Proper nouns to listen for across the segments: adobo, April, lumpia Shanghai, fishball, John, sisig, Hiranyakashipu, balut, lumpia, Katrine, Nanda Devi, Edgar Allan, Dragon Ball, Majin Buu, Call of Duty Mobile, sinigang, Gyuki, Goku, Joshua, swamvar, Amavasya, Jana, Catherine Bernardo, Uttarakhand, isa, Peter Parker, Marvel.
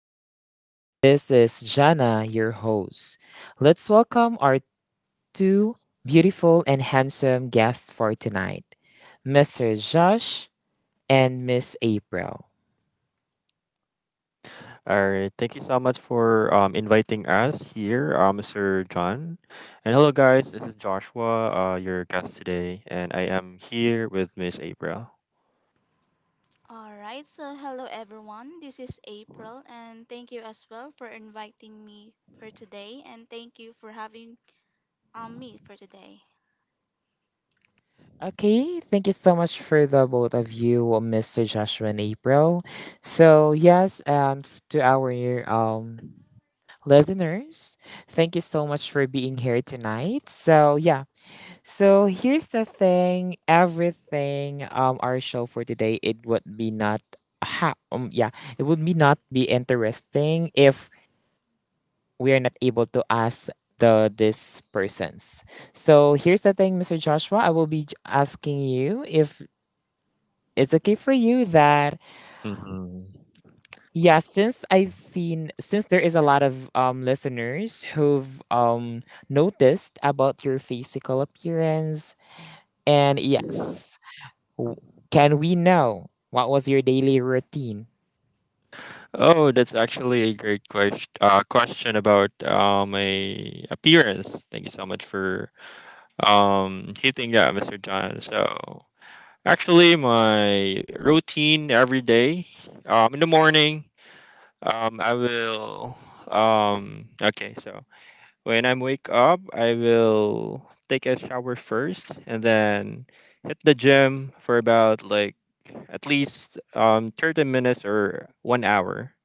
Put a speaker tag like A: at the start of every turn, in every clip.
A: hello, world. This is Jana, your host. Let's welcome our two beautiful and handsome guests for tonight, Mr. Josh and Miss April.
B: All right. Thank you so much for inviting us here, Mr. John. And hello, guys. This is Joshua, your guest today, and I am here with Miss April.
C: All right, so hello everyone. This is April, and thank you as well for inviting me for today, and thank you for having me for today.
A: Okay, thank you so much for the both of you, Mr. Joshua and April. So, yes, to our um, listeners, thank you so much for being here tonight. So, yeah. So here's the thing, everything our show for today, it would be not ha um yeah, it would be not be interesting if we are not able to ask these persons. So here's the thing, Mr. Joshua, I will be asking you if it's okay for you that,
B: Mm-hmm.
A: yeah, since I've seen since there is a lot of listeners who've noticed about your physical appearance, and yes, W- can we know what was your daily routine?
B: Oh, that's actually a great question. Question about my appearance. Thank you so much for hitting that, Mr. John. So actually, my routine every day, in the morning, I will okay so when I wake up, I will take a shower first and then hit the gym for about like at least 30 minutes or 1 hour.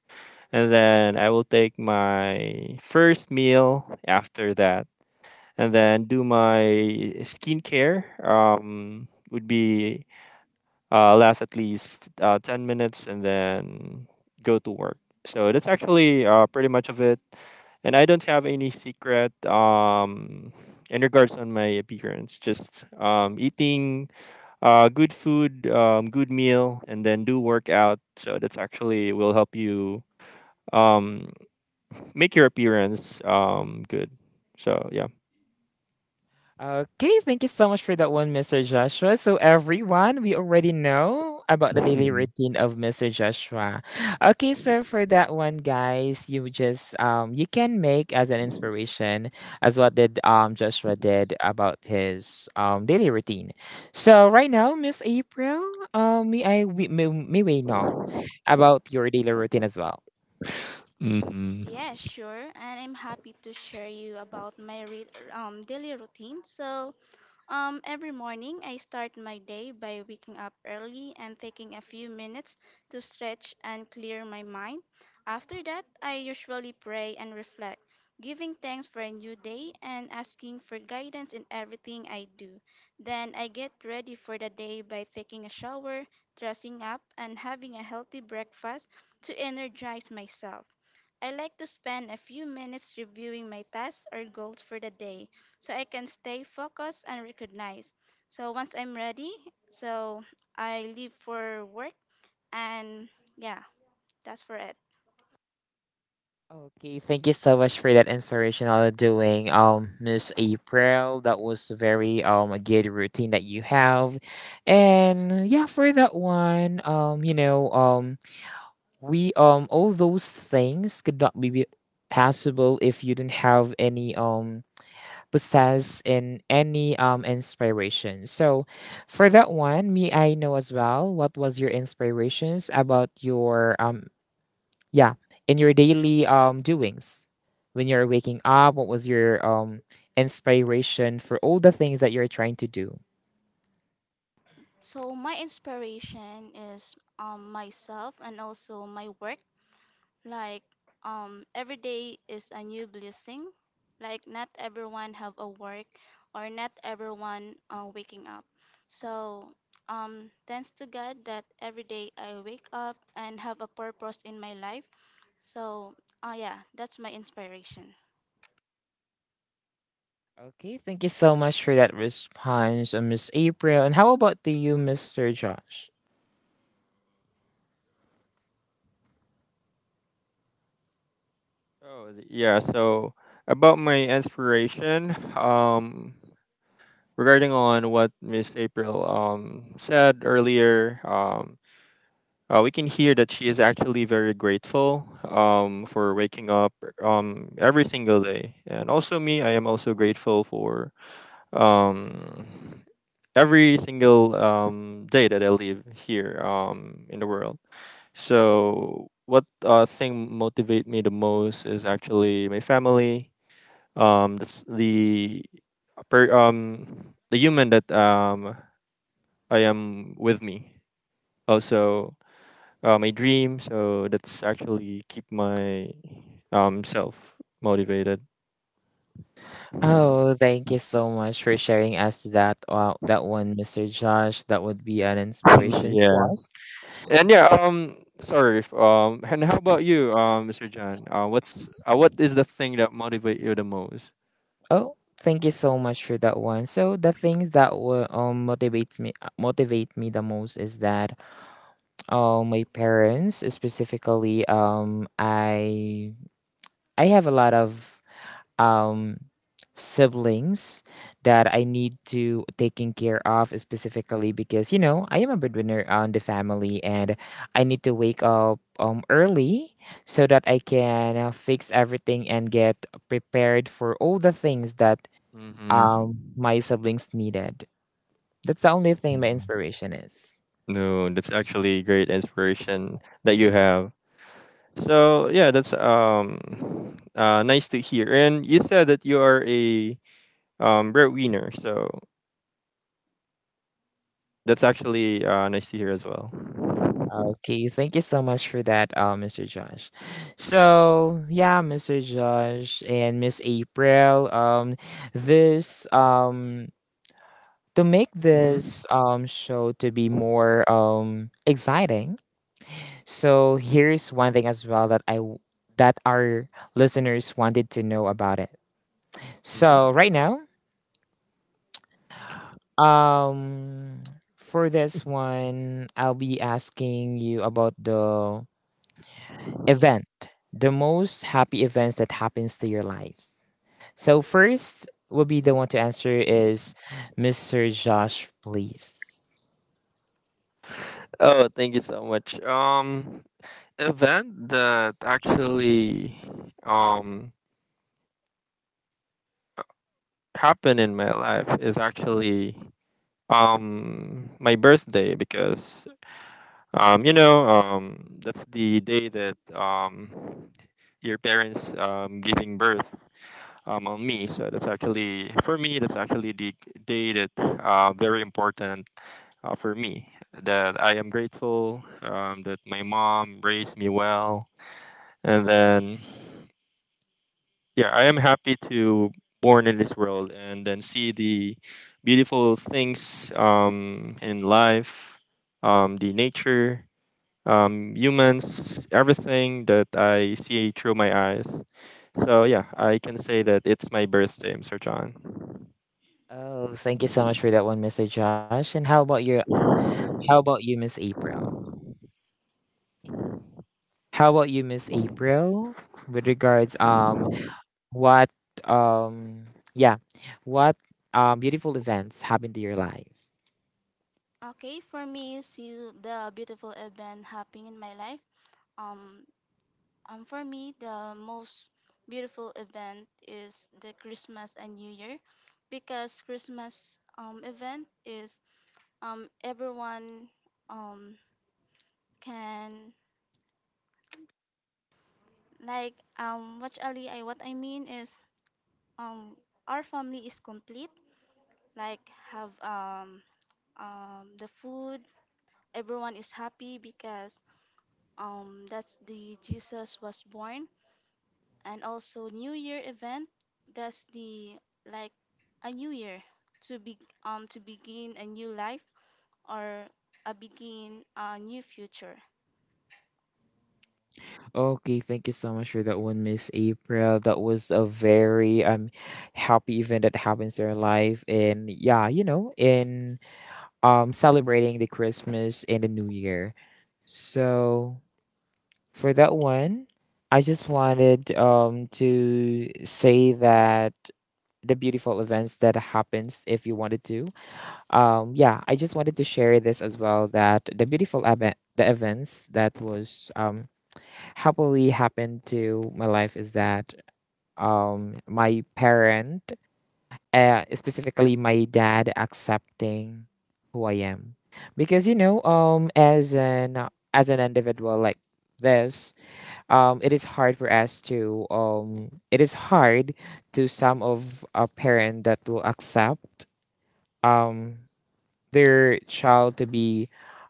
B: And then I will take my first meal after that and then do my skincare would be last at least 10 minutes and then go to work. So that's actually pretty much of it. And I don't have any secret in regards on my appearance. Just eating good food, good meal, and then do workout. So that's actually will help you um, make your appearance good. So yeah.
A: Okay, thank you so much for that one, Mr. Joshua. So, everyone, we already know about the daily routine of Mr. Joshua. Okay, so for that one, guys, you can make as an inspiration as what did Joshua did about his daily routine. So right now, Miss April, may we know about your daily routine as well?
B: Mm-hmm.
C: Yeah, sure, and I'm happy to share you about daily routine. So, every morning, I start my day by waking up early and taking a few minutes to stretch and clear my mind. After that, I usually pray and reflect, giving thanks for a new day and asking for guidance in everything I do. Then I get ready for the day by taking a shower, dressing up, and having a healthy breakfast to energize myself. I like to spend a few minutes reviewing my tasks or goals for the day so I can stay focused and recognized. So once I'm ready, so I leave for work and yeah, that's for it.
A: Okay, thank you so much for that inspirational doing, Miss April. That was very a good routine that you have, and yeah, for that one, we all those things could not be possible if you didn't have any possess in any inspiration. So, for that one, me I know as well. What was your inspirations about your yeah, in your daily doings, when you're waking up, what was your inspiration for all the things that you're trying to do?
C: So my inspiration is myself and also my work. Like every day is a new blessing. Like not everyone have a work or not everyone waking up. So thanks to God that every day I wake up and have a purpose in my life. So yeah, that's my inspiration.
A: Okay, thank you so much for that response, Miss April. And how about the you, Mr. Josh?
B: Oh, yeah. So about my inspiration, regarding on what Miss April said earlier, we can hear that she is actually very grateful for waking up every single day, and also me, I am also grateful for um every single day that I live here in the world. So what thing motivate me the most is actually my family, um the, the the human that I am with me. Also, my dream. So that's actually keep my self motivated.
A: Oh, thank you so much for sharing us that one, Mr. Josh. That would be an inspiration to
B: yeah.
A: us.
B: And yeah. Sorry. If. And how about you, Mr. John? What is the thing that motivate you the most?
A: Oh, thank you so much for that one. So the things that will motivate me the most is that, oh, my parents specifically. I have a lot of um siblings that I need to taking care of specifically because you know I am a breadwinner on the family, and I need to wake up early so that I can fix everything and get prepared for all the things that
B: Mm-hmm.
A: my siblings needed. That's the only thing my inspiration is.
B: No, that's actually great inspiration that you have. So yeah, that's nice to hear. And you said that you are a breadwinner. So that's actually nice to hear as well.
A: Okay, thank you so much for that, Mr. Josh. So yeah, Mr. Josh and Miss April, this to make
B: Mhm,
A: this show to be more exciting. So here's one thing as well that our listeners wanted to know about it. So
B: mhm.
A: right now, um, for this one, I'll be asking you about event, the most happy events that happens to your lives. So first will be the one to answer is Mr. Josh, please.
B: Oh, thank you so much. Event that actually um happened in my life is actually my birthday, because that's the day that your parents giving birth on me, so that's actually for me, that's actually the day that very important for me, that I am grateful that my mom raised me well, and then yeah, I am happy to born in this world and then see the beautiful things in life, the nature, humans, everything that I see through my eyes. So yeah, I can say that it's my birthday, Sir John.
A: Oh, thank you so much for that one, Mr. Josh. And how about your, how about you, Miss April? How about you, Miss April? With regards, what um yeah, what beautiful events happened to your life?
C: Okay, for me, see the beautiful event happening in my life. Um, Um, for me, the most beautiful event is the Christmas and New Year because Christmas event is everyone, um, can like what I mean is um, our family is complete like have the food, everyone is happy because that's the Jesus was born, and also New Year event. That's the, like, a new year to be to begin a new life or a begin a new future.
A: Okay, thank you so much for that one, Miss April. That was a very happy event that happens in our life, and yeah, you know, in celebrating the Christmas and the New Year. So for that one, I just wanted to say that the beautiful events that happens if you wanted to. Yeah, I just wanted to share this as well that the events that was happily happened to my life is that my parent, specifically my dad, accepting who I am because as an individual like this, it is hard to some of a parent that will accept um their child to be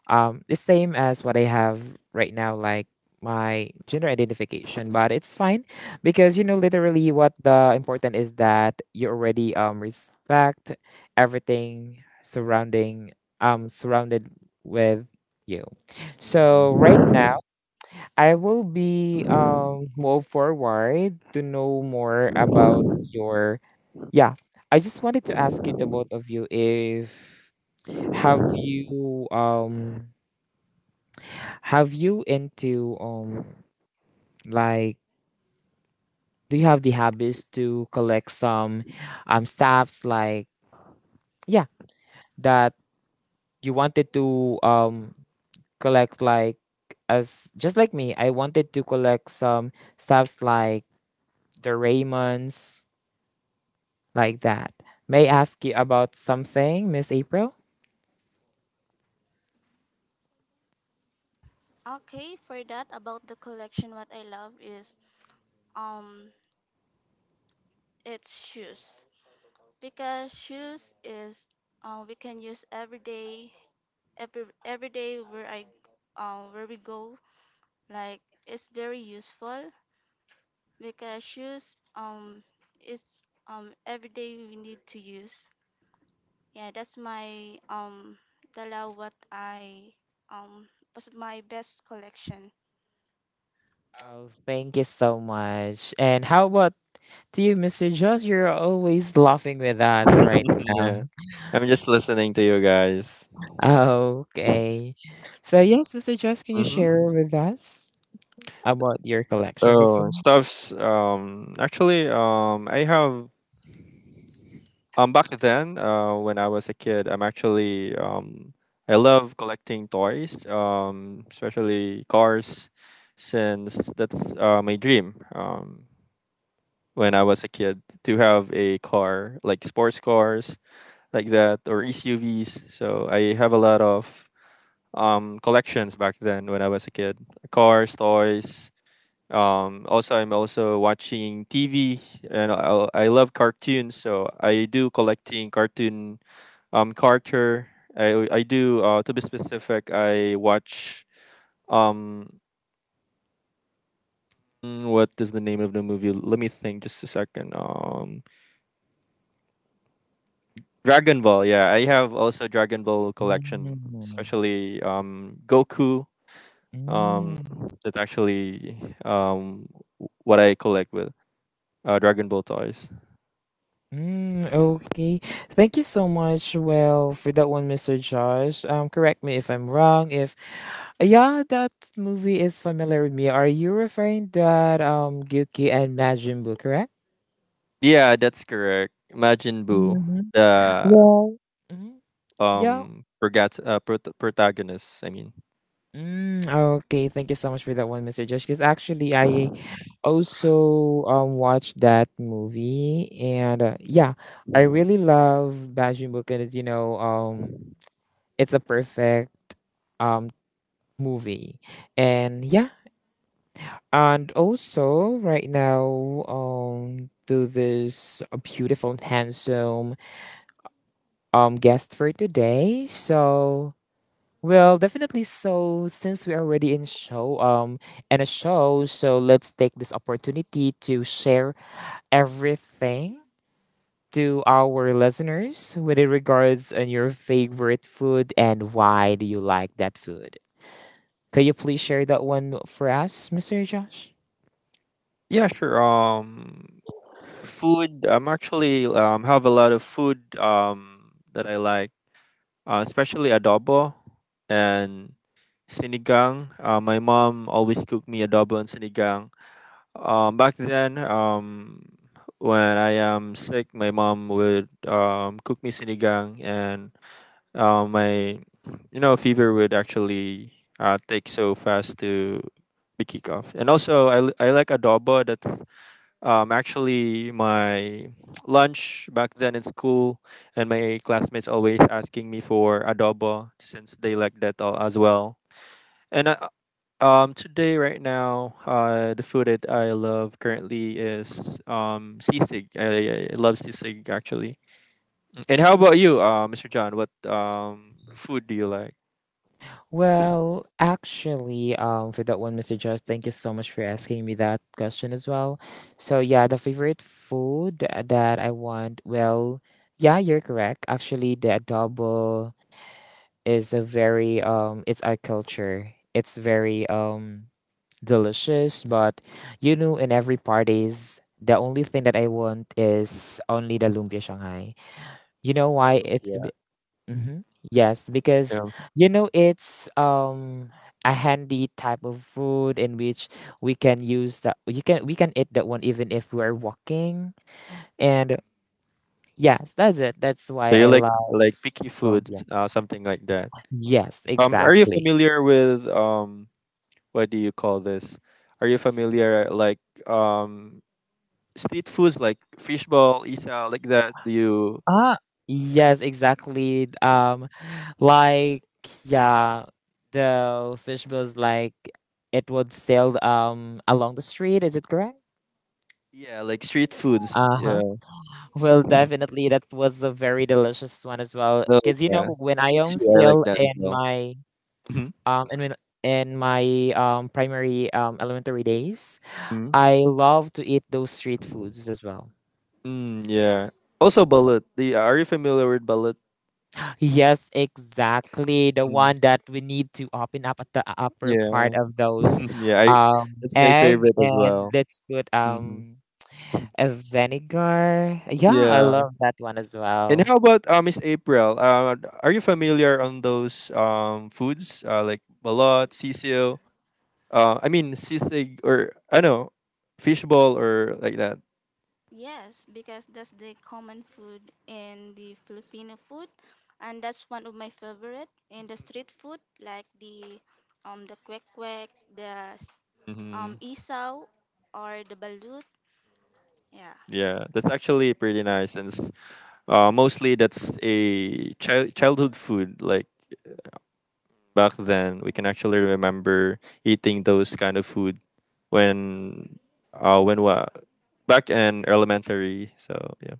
A: the same as what I have right now, like my gender identification. But it's fine because literally what the important is that you already respect everything surrounding surrounded with you. So
B: Mhm.
A: right now I will be move forward to know more about your yeah. I just wanted to ask you the both of you if have you um have you into like do you have the habits to collect some stuffs like, yeah, that you wanted to collect like, as just like me, I wanted to collect some stuffs like the Raymonds, like that. May I ask you about something, Miss April?
C: Okay, for that about the collection, what I love is um it's shoes because shoes is we can use every day, every day where I where we go, like it's very useful because shoes is every day we need to use. Yeah, that's my that's what I um was my best collection.
A: Oh, thank you so much. And how about to you, Mr. Josh? You're always laughing with us right now.
B: yeah, I'm just listening to you guys.
A: Okay. So yes, Mr. Jess, can you share
B: Hmm.
A: with us about your collections as well?
B: So stuffs. Actually, I have back then, when I was a kid, I love collecting toys, especially cars, since that's my dream. When I was a kid, to have a car like sports cars like that or SUVs. So I have a lot of collections back then when I was a kid. Cars, toys. Also, I'm also watching TV, and I love cartoons, so I do collecting cartoon character. I do To be specific, I watch um what is the name of the movie? Let me think just a second. Dragon Ball. Yeah, I have also Dragon Ball
A: Mm,
B: collection, especially Goku. Um,
A: mm,
B: that's actually um what I collect with Dragon Ball toys.
A: mm, okay. Thank you so much. Well, for that one, Mr. Josh. Correct me if I'm wrong. If yeah, that movie is familiar with me. Are you referring that Gyuki and Majin Buu, correct?
B: Yeah, that's correct. Majin Buu,
A: Mhm.
B: the
A: Well, mhm, yeah.
B: protagonist. I mean,
A: Mm, okay, thank you so much for that one, Mr. Josh. Because actually, I also watched that movie, and yeah, I really love bashing book, and it's a perfect um movie. And yeah, and also right now to this beautiful and handsome guest for today. So, well, definitely, so since we're already in show in a show, so let's take this opportunity to share everything to our listeners with it regards on your favorite food, and why do you like that food? Could you please share that one for us, Mr. Josh?
B: yeah, sure. Food. I'm actually have a lot of food that I like, especially adobo and sinigang. My mom always cooked me adobo and sinigang. Back then, when I am sick, my mom would cook me sinigang, and my fever would actually take so fast to be kick off. And also I like adobo. That's actually my lunch back then in school, and my classmates always asking me for adobo since they like that all as well. And today right now, the food that I love currently is sisig. I love sisig actually. And how about you, Mr. John? What food do you like?
A: Well, actually, for that one, Mr. Josh, thank you so much for asking me that question as well. So yeah, the favorite food that I want, well, yeah, you're correct. Actually, the adobo is a very it's our culture. It's very delicious, but in every parties, the only thing that I want is only the lumpia Shanghai. You know
B: Oh,
A: why? It's
B: lumpia.
A: mm-hmm. Yes, because
B: Yeah.
A: it's a handy type of food in which we can use that you can we can eat that one even if we're walking. And yes, that's it. That's why
B: So you
A: I love
B: picky
A: lumpia.
B: foods, something like that.
A: Yes,
B: Are you
A: exactly.
B: familiar with what do you call this? Are you familiar like um street foods like fishball, isa, like that? Do you?
A: Ah, yes, exactly. Like, yeah, the fish was like it would sail along the street. Is it correct?
B: Yeah, like street foods.
A: Uh huh.
B: Yeah.
A: Well, definitely, that was a very delicious one as well.
B: No.
A: Cause
B: Yeah.
A: when I
B: Me
A: am
B: too. I like
A: still
B: that as
A: in
B: well.
A: my,
B: Mm-hmm.
A: um in my- primary elementary days,
B: Mm.
A: I love to eat those street foods as well.
B: Mm, yeah. Also, balut. The Are you familiar with balut?
A: Yes, exactly. The
B: Mm,
A: one that we need to open up at the upper
B: yeah.
A: part of those
B: yeah. That's my
A: egg
B: favorite as
A: and
B: well.
A: let's put
B: Hmm.
A: a vinegar. Yeah, I
B: Yeah.
A: love that one as
B: And
A: well.
B: how about Miss April? Are you familiar on those foods like balut, sisig? I mean sisig, or I know fishball or like that.
C: Yes, because that's the common food in the Filipino food, and that's one of my favorite in the street food, like the kwek kwek, the
B: Hmm.
C: isaw, or the balut. Yeah.
B: Yeah, that's actually pretty nice, and mostly that's a childhood food. Like back then, we can actually remember eating those kind of food when when wa back in elementary. So yeah,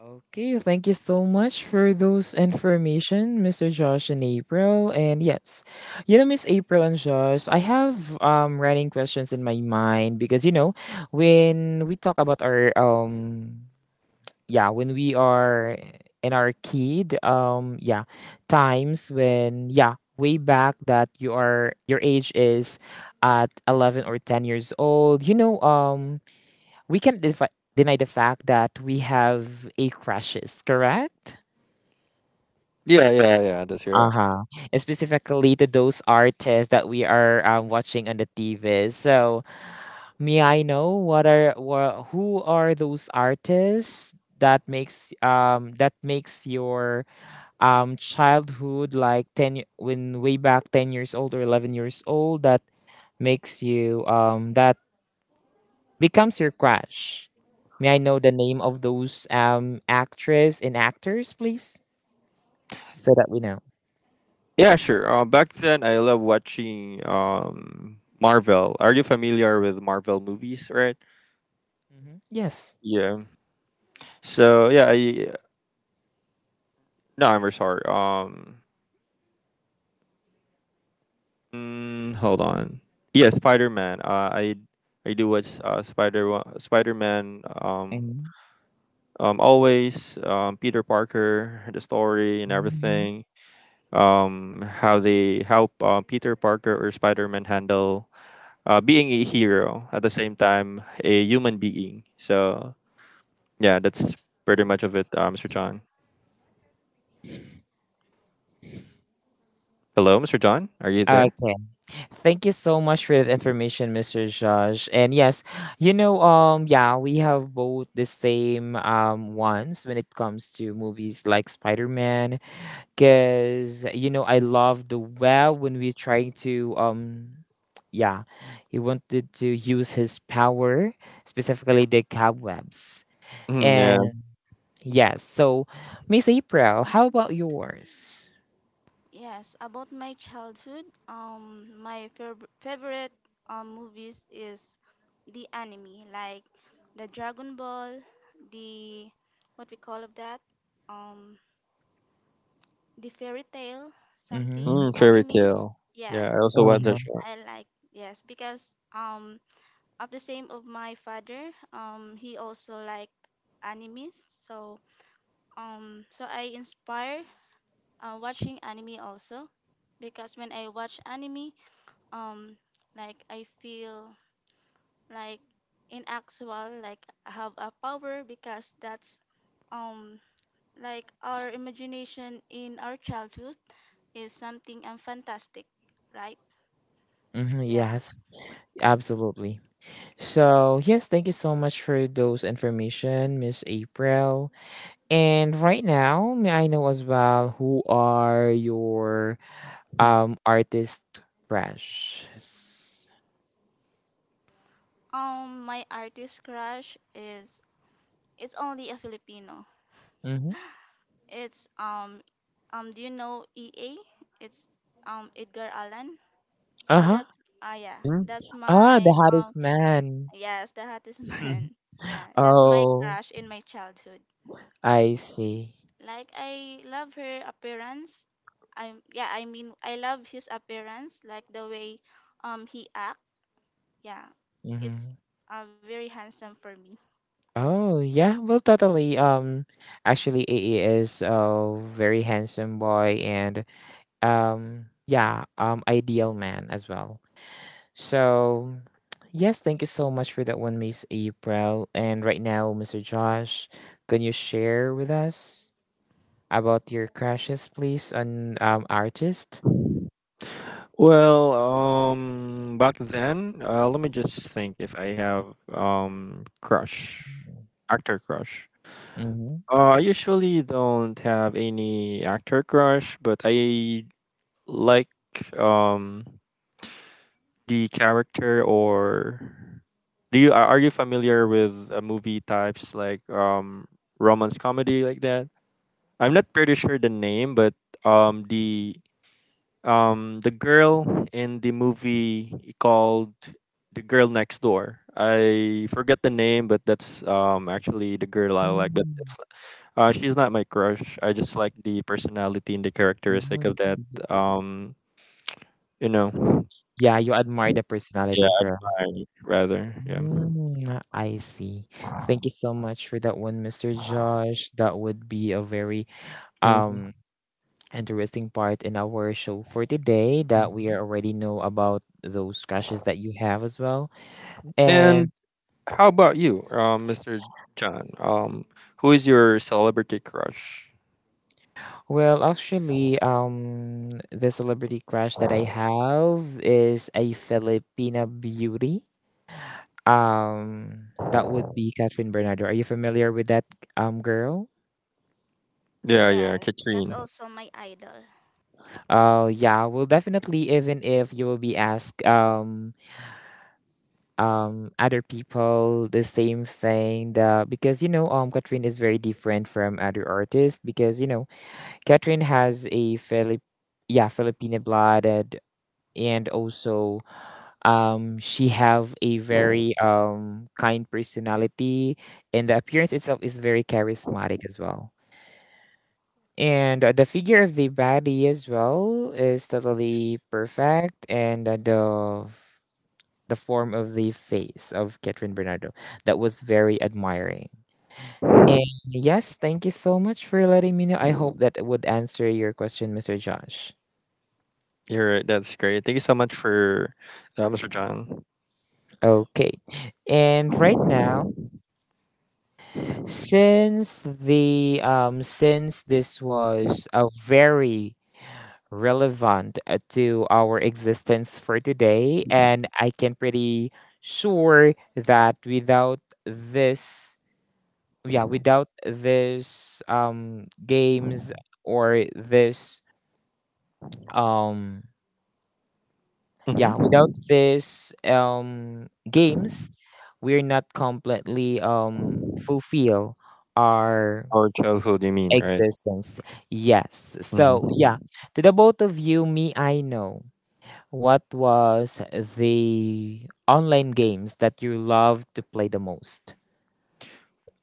A: Okay, thank you so much for those information, Mr. Josh and April. And yes, Miss April and Josh, I have running questions in my mind because when we talk about our yeah when we are in our kid times when, yeah, way back that you are your age is at 11 or 10 years old, we can deny the fact that we have a crushes, correct?
B: yeah, yeah, yeah. That's right.
A: Uh-huh. And specifically to those artists that we are watching on the tv. So may I know what are who are those artists that makes your childhood, like, when way back 10 years old or 11 years old, that makes you that becomes your crush? May I know the name of those actress and actors please, so that we know.
B: Yeah, sure. Back then, I love watching Marvel. Are you familiar with Marvel movies, right?
A: Hmm. Yes.
B: Yeah. So yeah, I No, I'm very sorry. Hold on. Yeah, Spider Man. I do watch Spider Man.
A: Mhm.
B: Always Peter Parker, the story and
A: Mhm.
B: everything. How Peter Parker or Spider Man handle being a hero at the same time a human being. So yeah, that's pretty much of it, Mr. John. Hello, Mr. John. Are you there?
A: Okay. Thank you so much for that information, Mr. Josh. And yes, yeah, we have both the same ones when it comes to movies like Spider Man because I love the well, when we're trying to yeah he wanted to use his power, specifically the cobwebs,
B: Mm, yeah.
A: and yes. So Miss April, how about yours?
C: Yes, about my childhood, my favorite movies is the anime, like the Dragon Ball, the what we call of that, um, the fairy tale,
A: Mm-hmm.
C: something
B: Mm, fairy
C: anime.
B: tale. Yeah,
C: Yes,
B: I also watched that
A: Uh-huh.
B: show.
C: I like, yes, because of the same of my father, he also like animes, so so I inspire watching anime also because when I watch anime, um like I feel like in actual, like I have a power because that's um like our imagination in our childhood is something fantastic, right?
A: Mm-hmm.
C: Yeah.
A: Yes. Absolutely. So yes, thank you so much for those information, Miss April. And right now, may I know as well who are your artist crushes.
C: My artist crush is it's only a Filipino.
A: Mm-hmm.
C: It's do you know EA? It's Edgar Allan.
A: Uh
C: So
A: huh.
C: that's, ah, yeah,
B: Mhm.
C: that's
A: Ah,
C: my
A: the hottest
C: um,
A: man.
C: Yes, the hottest man. Yeah, that's my
A: Oh,
C: crush in my childhood.
A: I see.
C: Like I love her appearance. I am, yeah, I mean I love his appearance, like the way he act. Yeah. It's
A: Mm-hmm.
C: very handsome for me.
A: Oh yeah, well totally. Actually, A. A. is a very handsome boy and yeah ideal man as well. So yes, thank you so much for that one, Miss April. And right now, Mr. Josh, can you share with us about your crushes, please, on artist?
B: Well, back then, let me just think if I have crush, actor crush.
A: Mm-hmm.
B: I usually don't have any actor crush, but I like um the character, or do you are you familiar with movie types like romance comedy like that? I'm not pretty sure the name, but um the the girl in the movie called the girl next door. I forget the name, but that's actually the girl I like. But it's she's not my crush. I just like the personality and the characteristic of that. Um, you know,
A: Yeah, you admire the
B: yeah,
A: personality, correct?
B: I rather yeah.
A: Mm, I see. Thank you so much for that one, Mr. Josh. That would be a very
B: Mhm,
A: um interesting part in our show for today that we
B: mhm.
A: already know about those crushes that you have as well. And
B: And how about you, Mr. John? Who is your celebrity crush?
A: well, actually, the celebrity crush that I have is a Filipina beauty. That would be Catherine Bernardo. Are you familiar with that girl?
B: Yeah, yeah,
C: Yes, that's
B: Katrine.
C: also my idol.
A: Yeah. Well, definitely. Even if you will be asked other people the same thing, the because you know Catherine is very different from other artists because you know Catherine has a Philip yeah Filipino blooded, and also she have a very kind personality, and the appearance itself is very charismatic as well. And the figure of the body as well is totally perfect, and the form of the face of Catherine Bernardo, that was very admiring. And yes, thank you so much for letting me know. I hope that it would answer your question, Mr. Josh.
B: You're right. That's great. Thank you so much for that, Mr. John.
A: Okay. And right now, since the since this was a very relevant to our existence for today. And I can pretty sure that without this, yeah, without this games or this, um, yeah,
B: Mm-hmm.
A: without this games, we're not completely fulfill our
B: Our childhood, you mean, right?
A: existence. Yes. So yeah,
B: Mm-hmm.
A: to the both of you, me, I know. What was the online games that you love to play the most?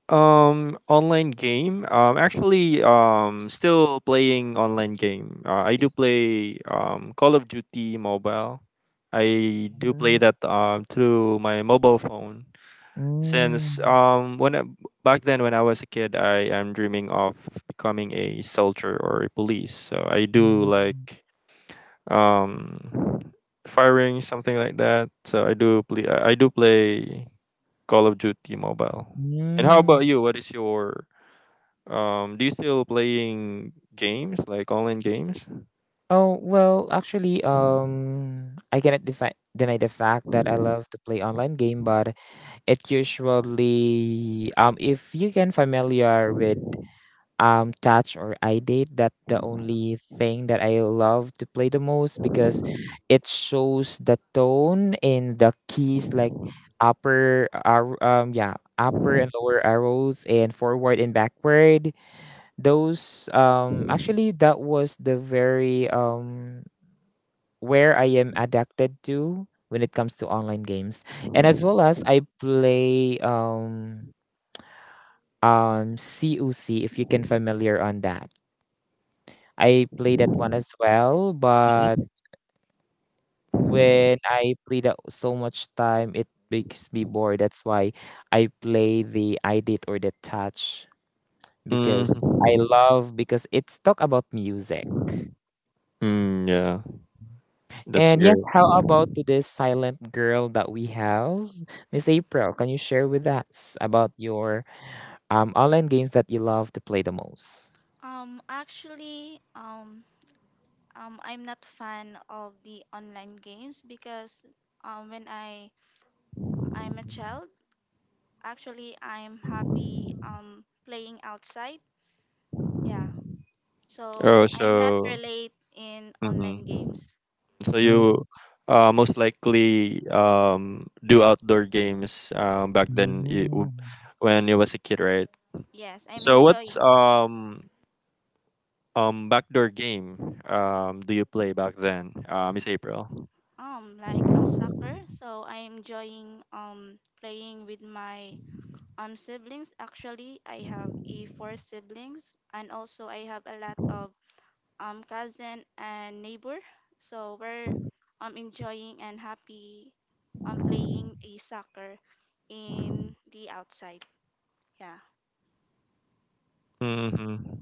B: Online game. Actually, still playing online game. I do play Call of Duty Mobile. I do play
A: Mhm.
B: that through my mobile phone.
A: Mm,
B: Since back then when I was a kid, I am dreaming of becoming a soldier or a police. So I do
A: mm,
B: like um firing something like that. So I do play Call of Duty Mobile. And how
A: mm.
B: about you? What is your Do you still playing games like online games?
A: Oh, well, actually, I cannot deny the fact that I love to play online game, but it usually, if you can familiar with touch or eye date, that the only thing that I love to play the most because it shows the tone in the keys like yeah upper and lower arrows and forward and backward. Those actually that was the very where I am adapted to when it comes to online games. And as well as I play coc, if you can familiar on that, I play that one as well, but
B: Mm-hmm.
A: when I play that so much time, it makes me bored. That's why I play the iDate or the Touch, because I
B: Mm,
A: love, because it's talk about music.
B: mm, yeah, that's
A: And
B: great.
A: yes, how about to this silent girl that we have? Miss April, can you share with us about your online games that you love to play the most?
C: Actually, I'm not fan of the online games because when I'm a child, actually I'm happy playing outside. Yeah, so
B: Oh,
C: I'm not
B: so
C: relate in
B: mm-hmm.
C: online games.
B: So you most likely do outdoor games back then
A: Mhm.
B: when you was a kid, right?
C: Yes, I'm
B: So what's
C: enjoying
B: backdoor game do you play back then, Miss April?
C: like a soccer. So I'm enjoying playing with my siblings. Actually, I have a four siblings and also I have a lot of cousin and neighbor. So we're enjoying and happy playing a soccer in the outside. Yeah.
B: Mm-hmm.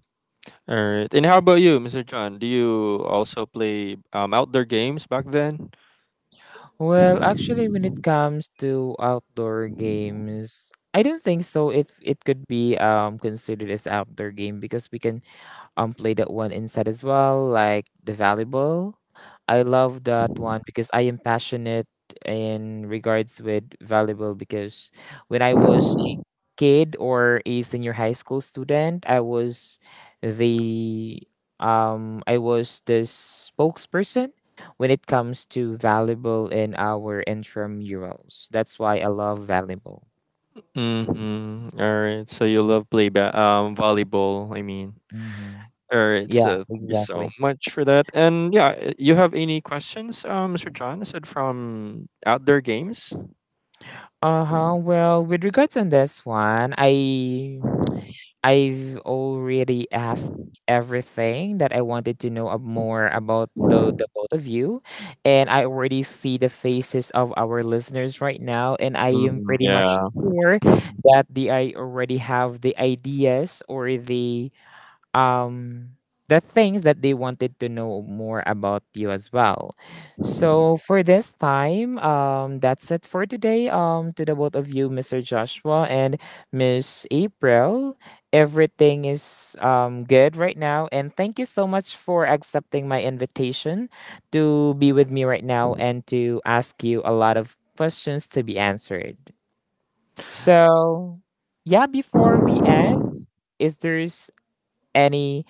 B: All right. And how about you, Mr. John? Do you also play outdoor games back then?
A: Well, actually, when it comes to outdoor games, I don't think so. It could be considered as outdoor game because we can play that one inside as well, like the volleyball. I love that one because I am passionate in regards with volleyball, because when I was a kid or a senior high school student, the I was the spokesperson when it comes to volleyball in our intramurals. That's why I love volleyball.
B: Mm-hmm. All right. So you love play volleyball, I mean.
A: Mm-hmm.
B: All right,
A: Yeah,
B: so thank you so
A: exactly.
B: much for that. And yeah, you have any questions, Mr. John? Aside from outdoor games?
A: Uh-huh. Well, with regards on this one, I I've already asked everything that I wanted to know more about the both of you, and I already see the faces of our listeners right now, and I am
B: Mhm,
A: pretty much
B: yeah.
A: sure
B: Mhm.
A: that the I already have the ideas or um the things that they wanted to know more about you as well. So for this time, that's it for today. To the both of you, Mr. Joshua and Miss April. Everything is good right now, and thank you so much for accepting my invitation to be with me right now and to ask you a lot of questions to be answered. So yeah, before we end, is there any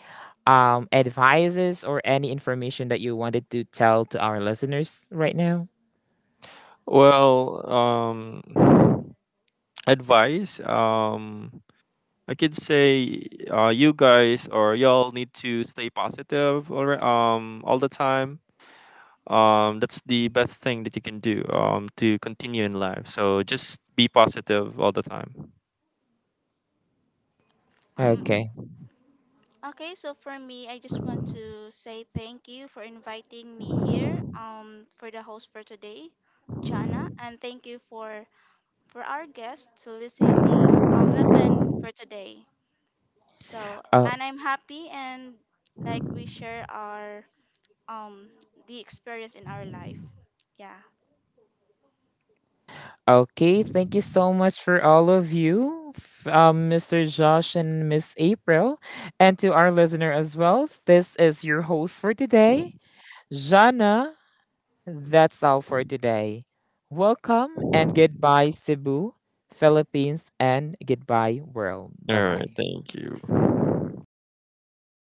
A: advices or any information that you wanted to tell to our listeners right now?
B: Well, advice. I could say, you guys or y'all need to stay positive all right, all the time. That's the best thing that you can do. To continue in life. So just be positive all the time.
C: Um
A: Okay.
C: Okay, so for me, I just want to say thank you for inviting me here, for the host for today, Jana, and thank you for our guest to listen for today. So
A: Oh,
C: and I'm happy and like we share our um the experience in our life. Yeah.
A: okay. Thank you so much for all of you, Mr. Josh and Miss April, and to our listener as well. This is your host for today, Jana. That's all for today. Welcome and goodbye, Cebu, Philippines, and goodbye, world. Bye
B: All right.
A: bye.
B: Thank you.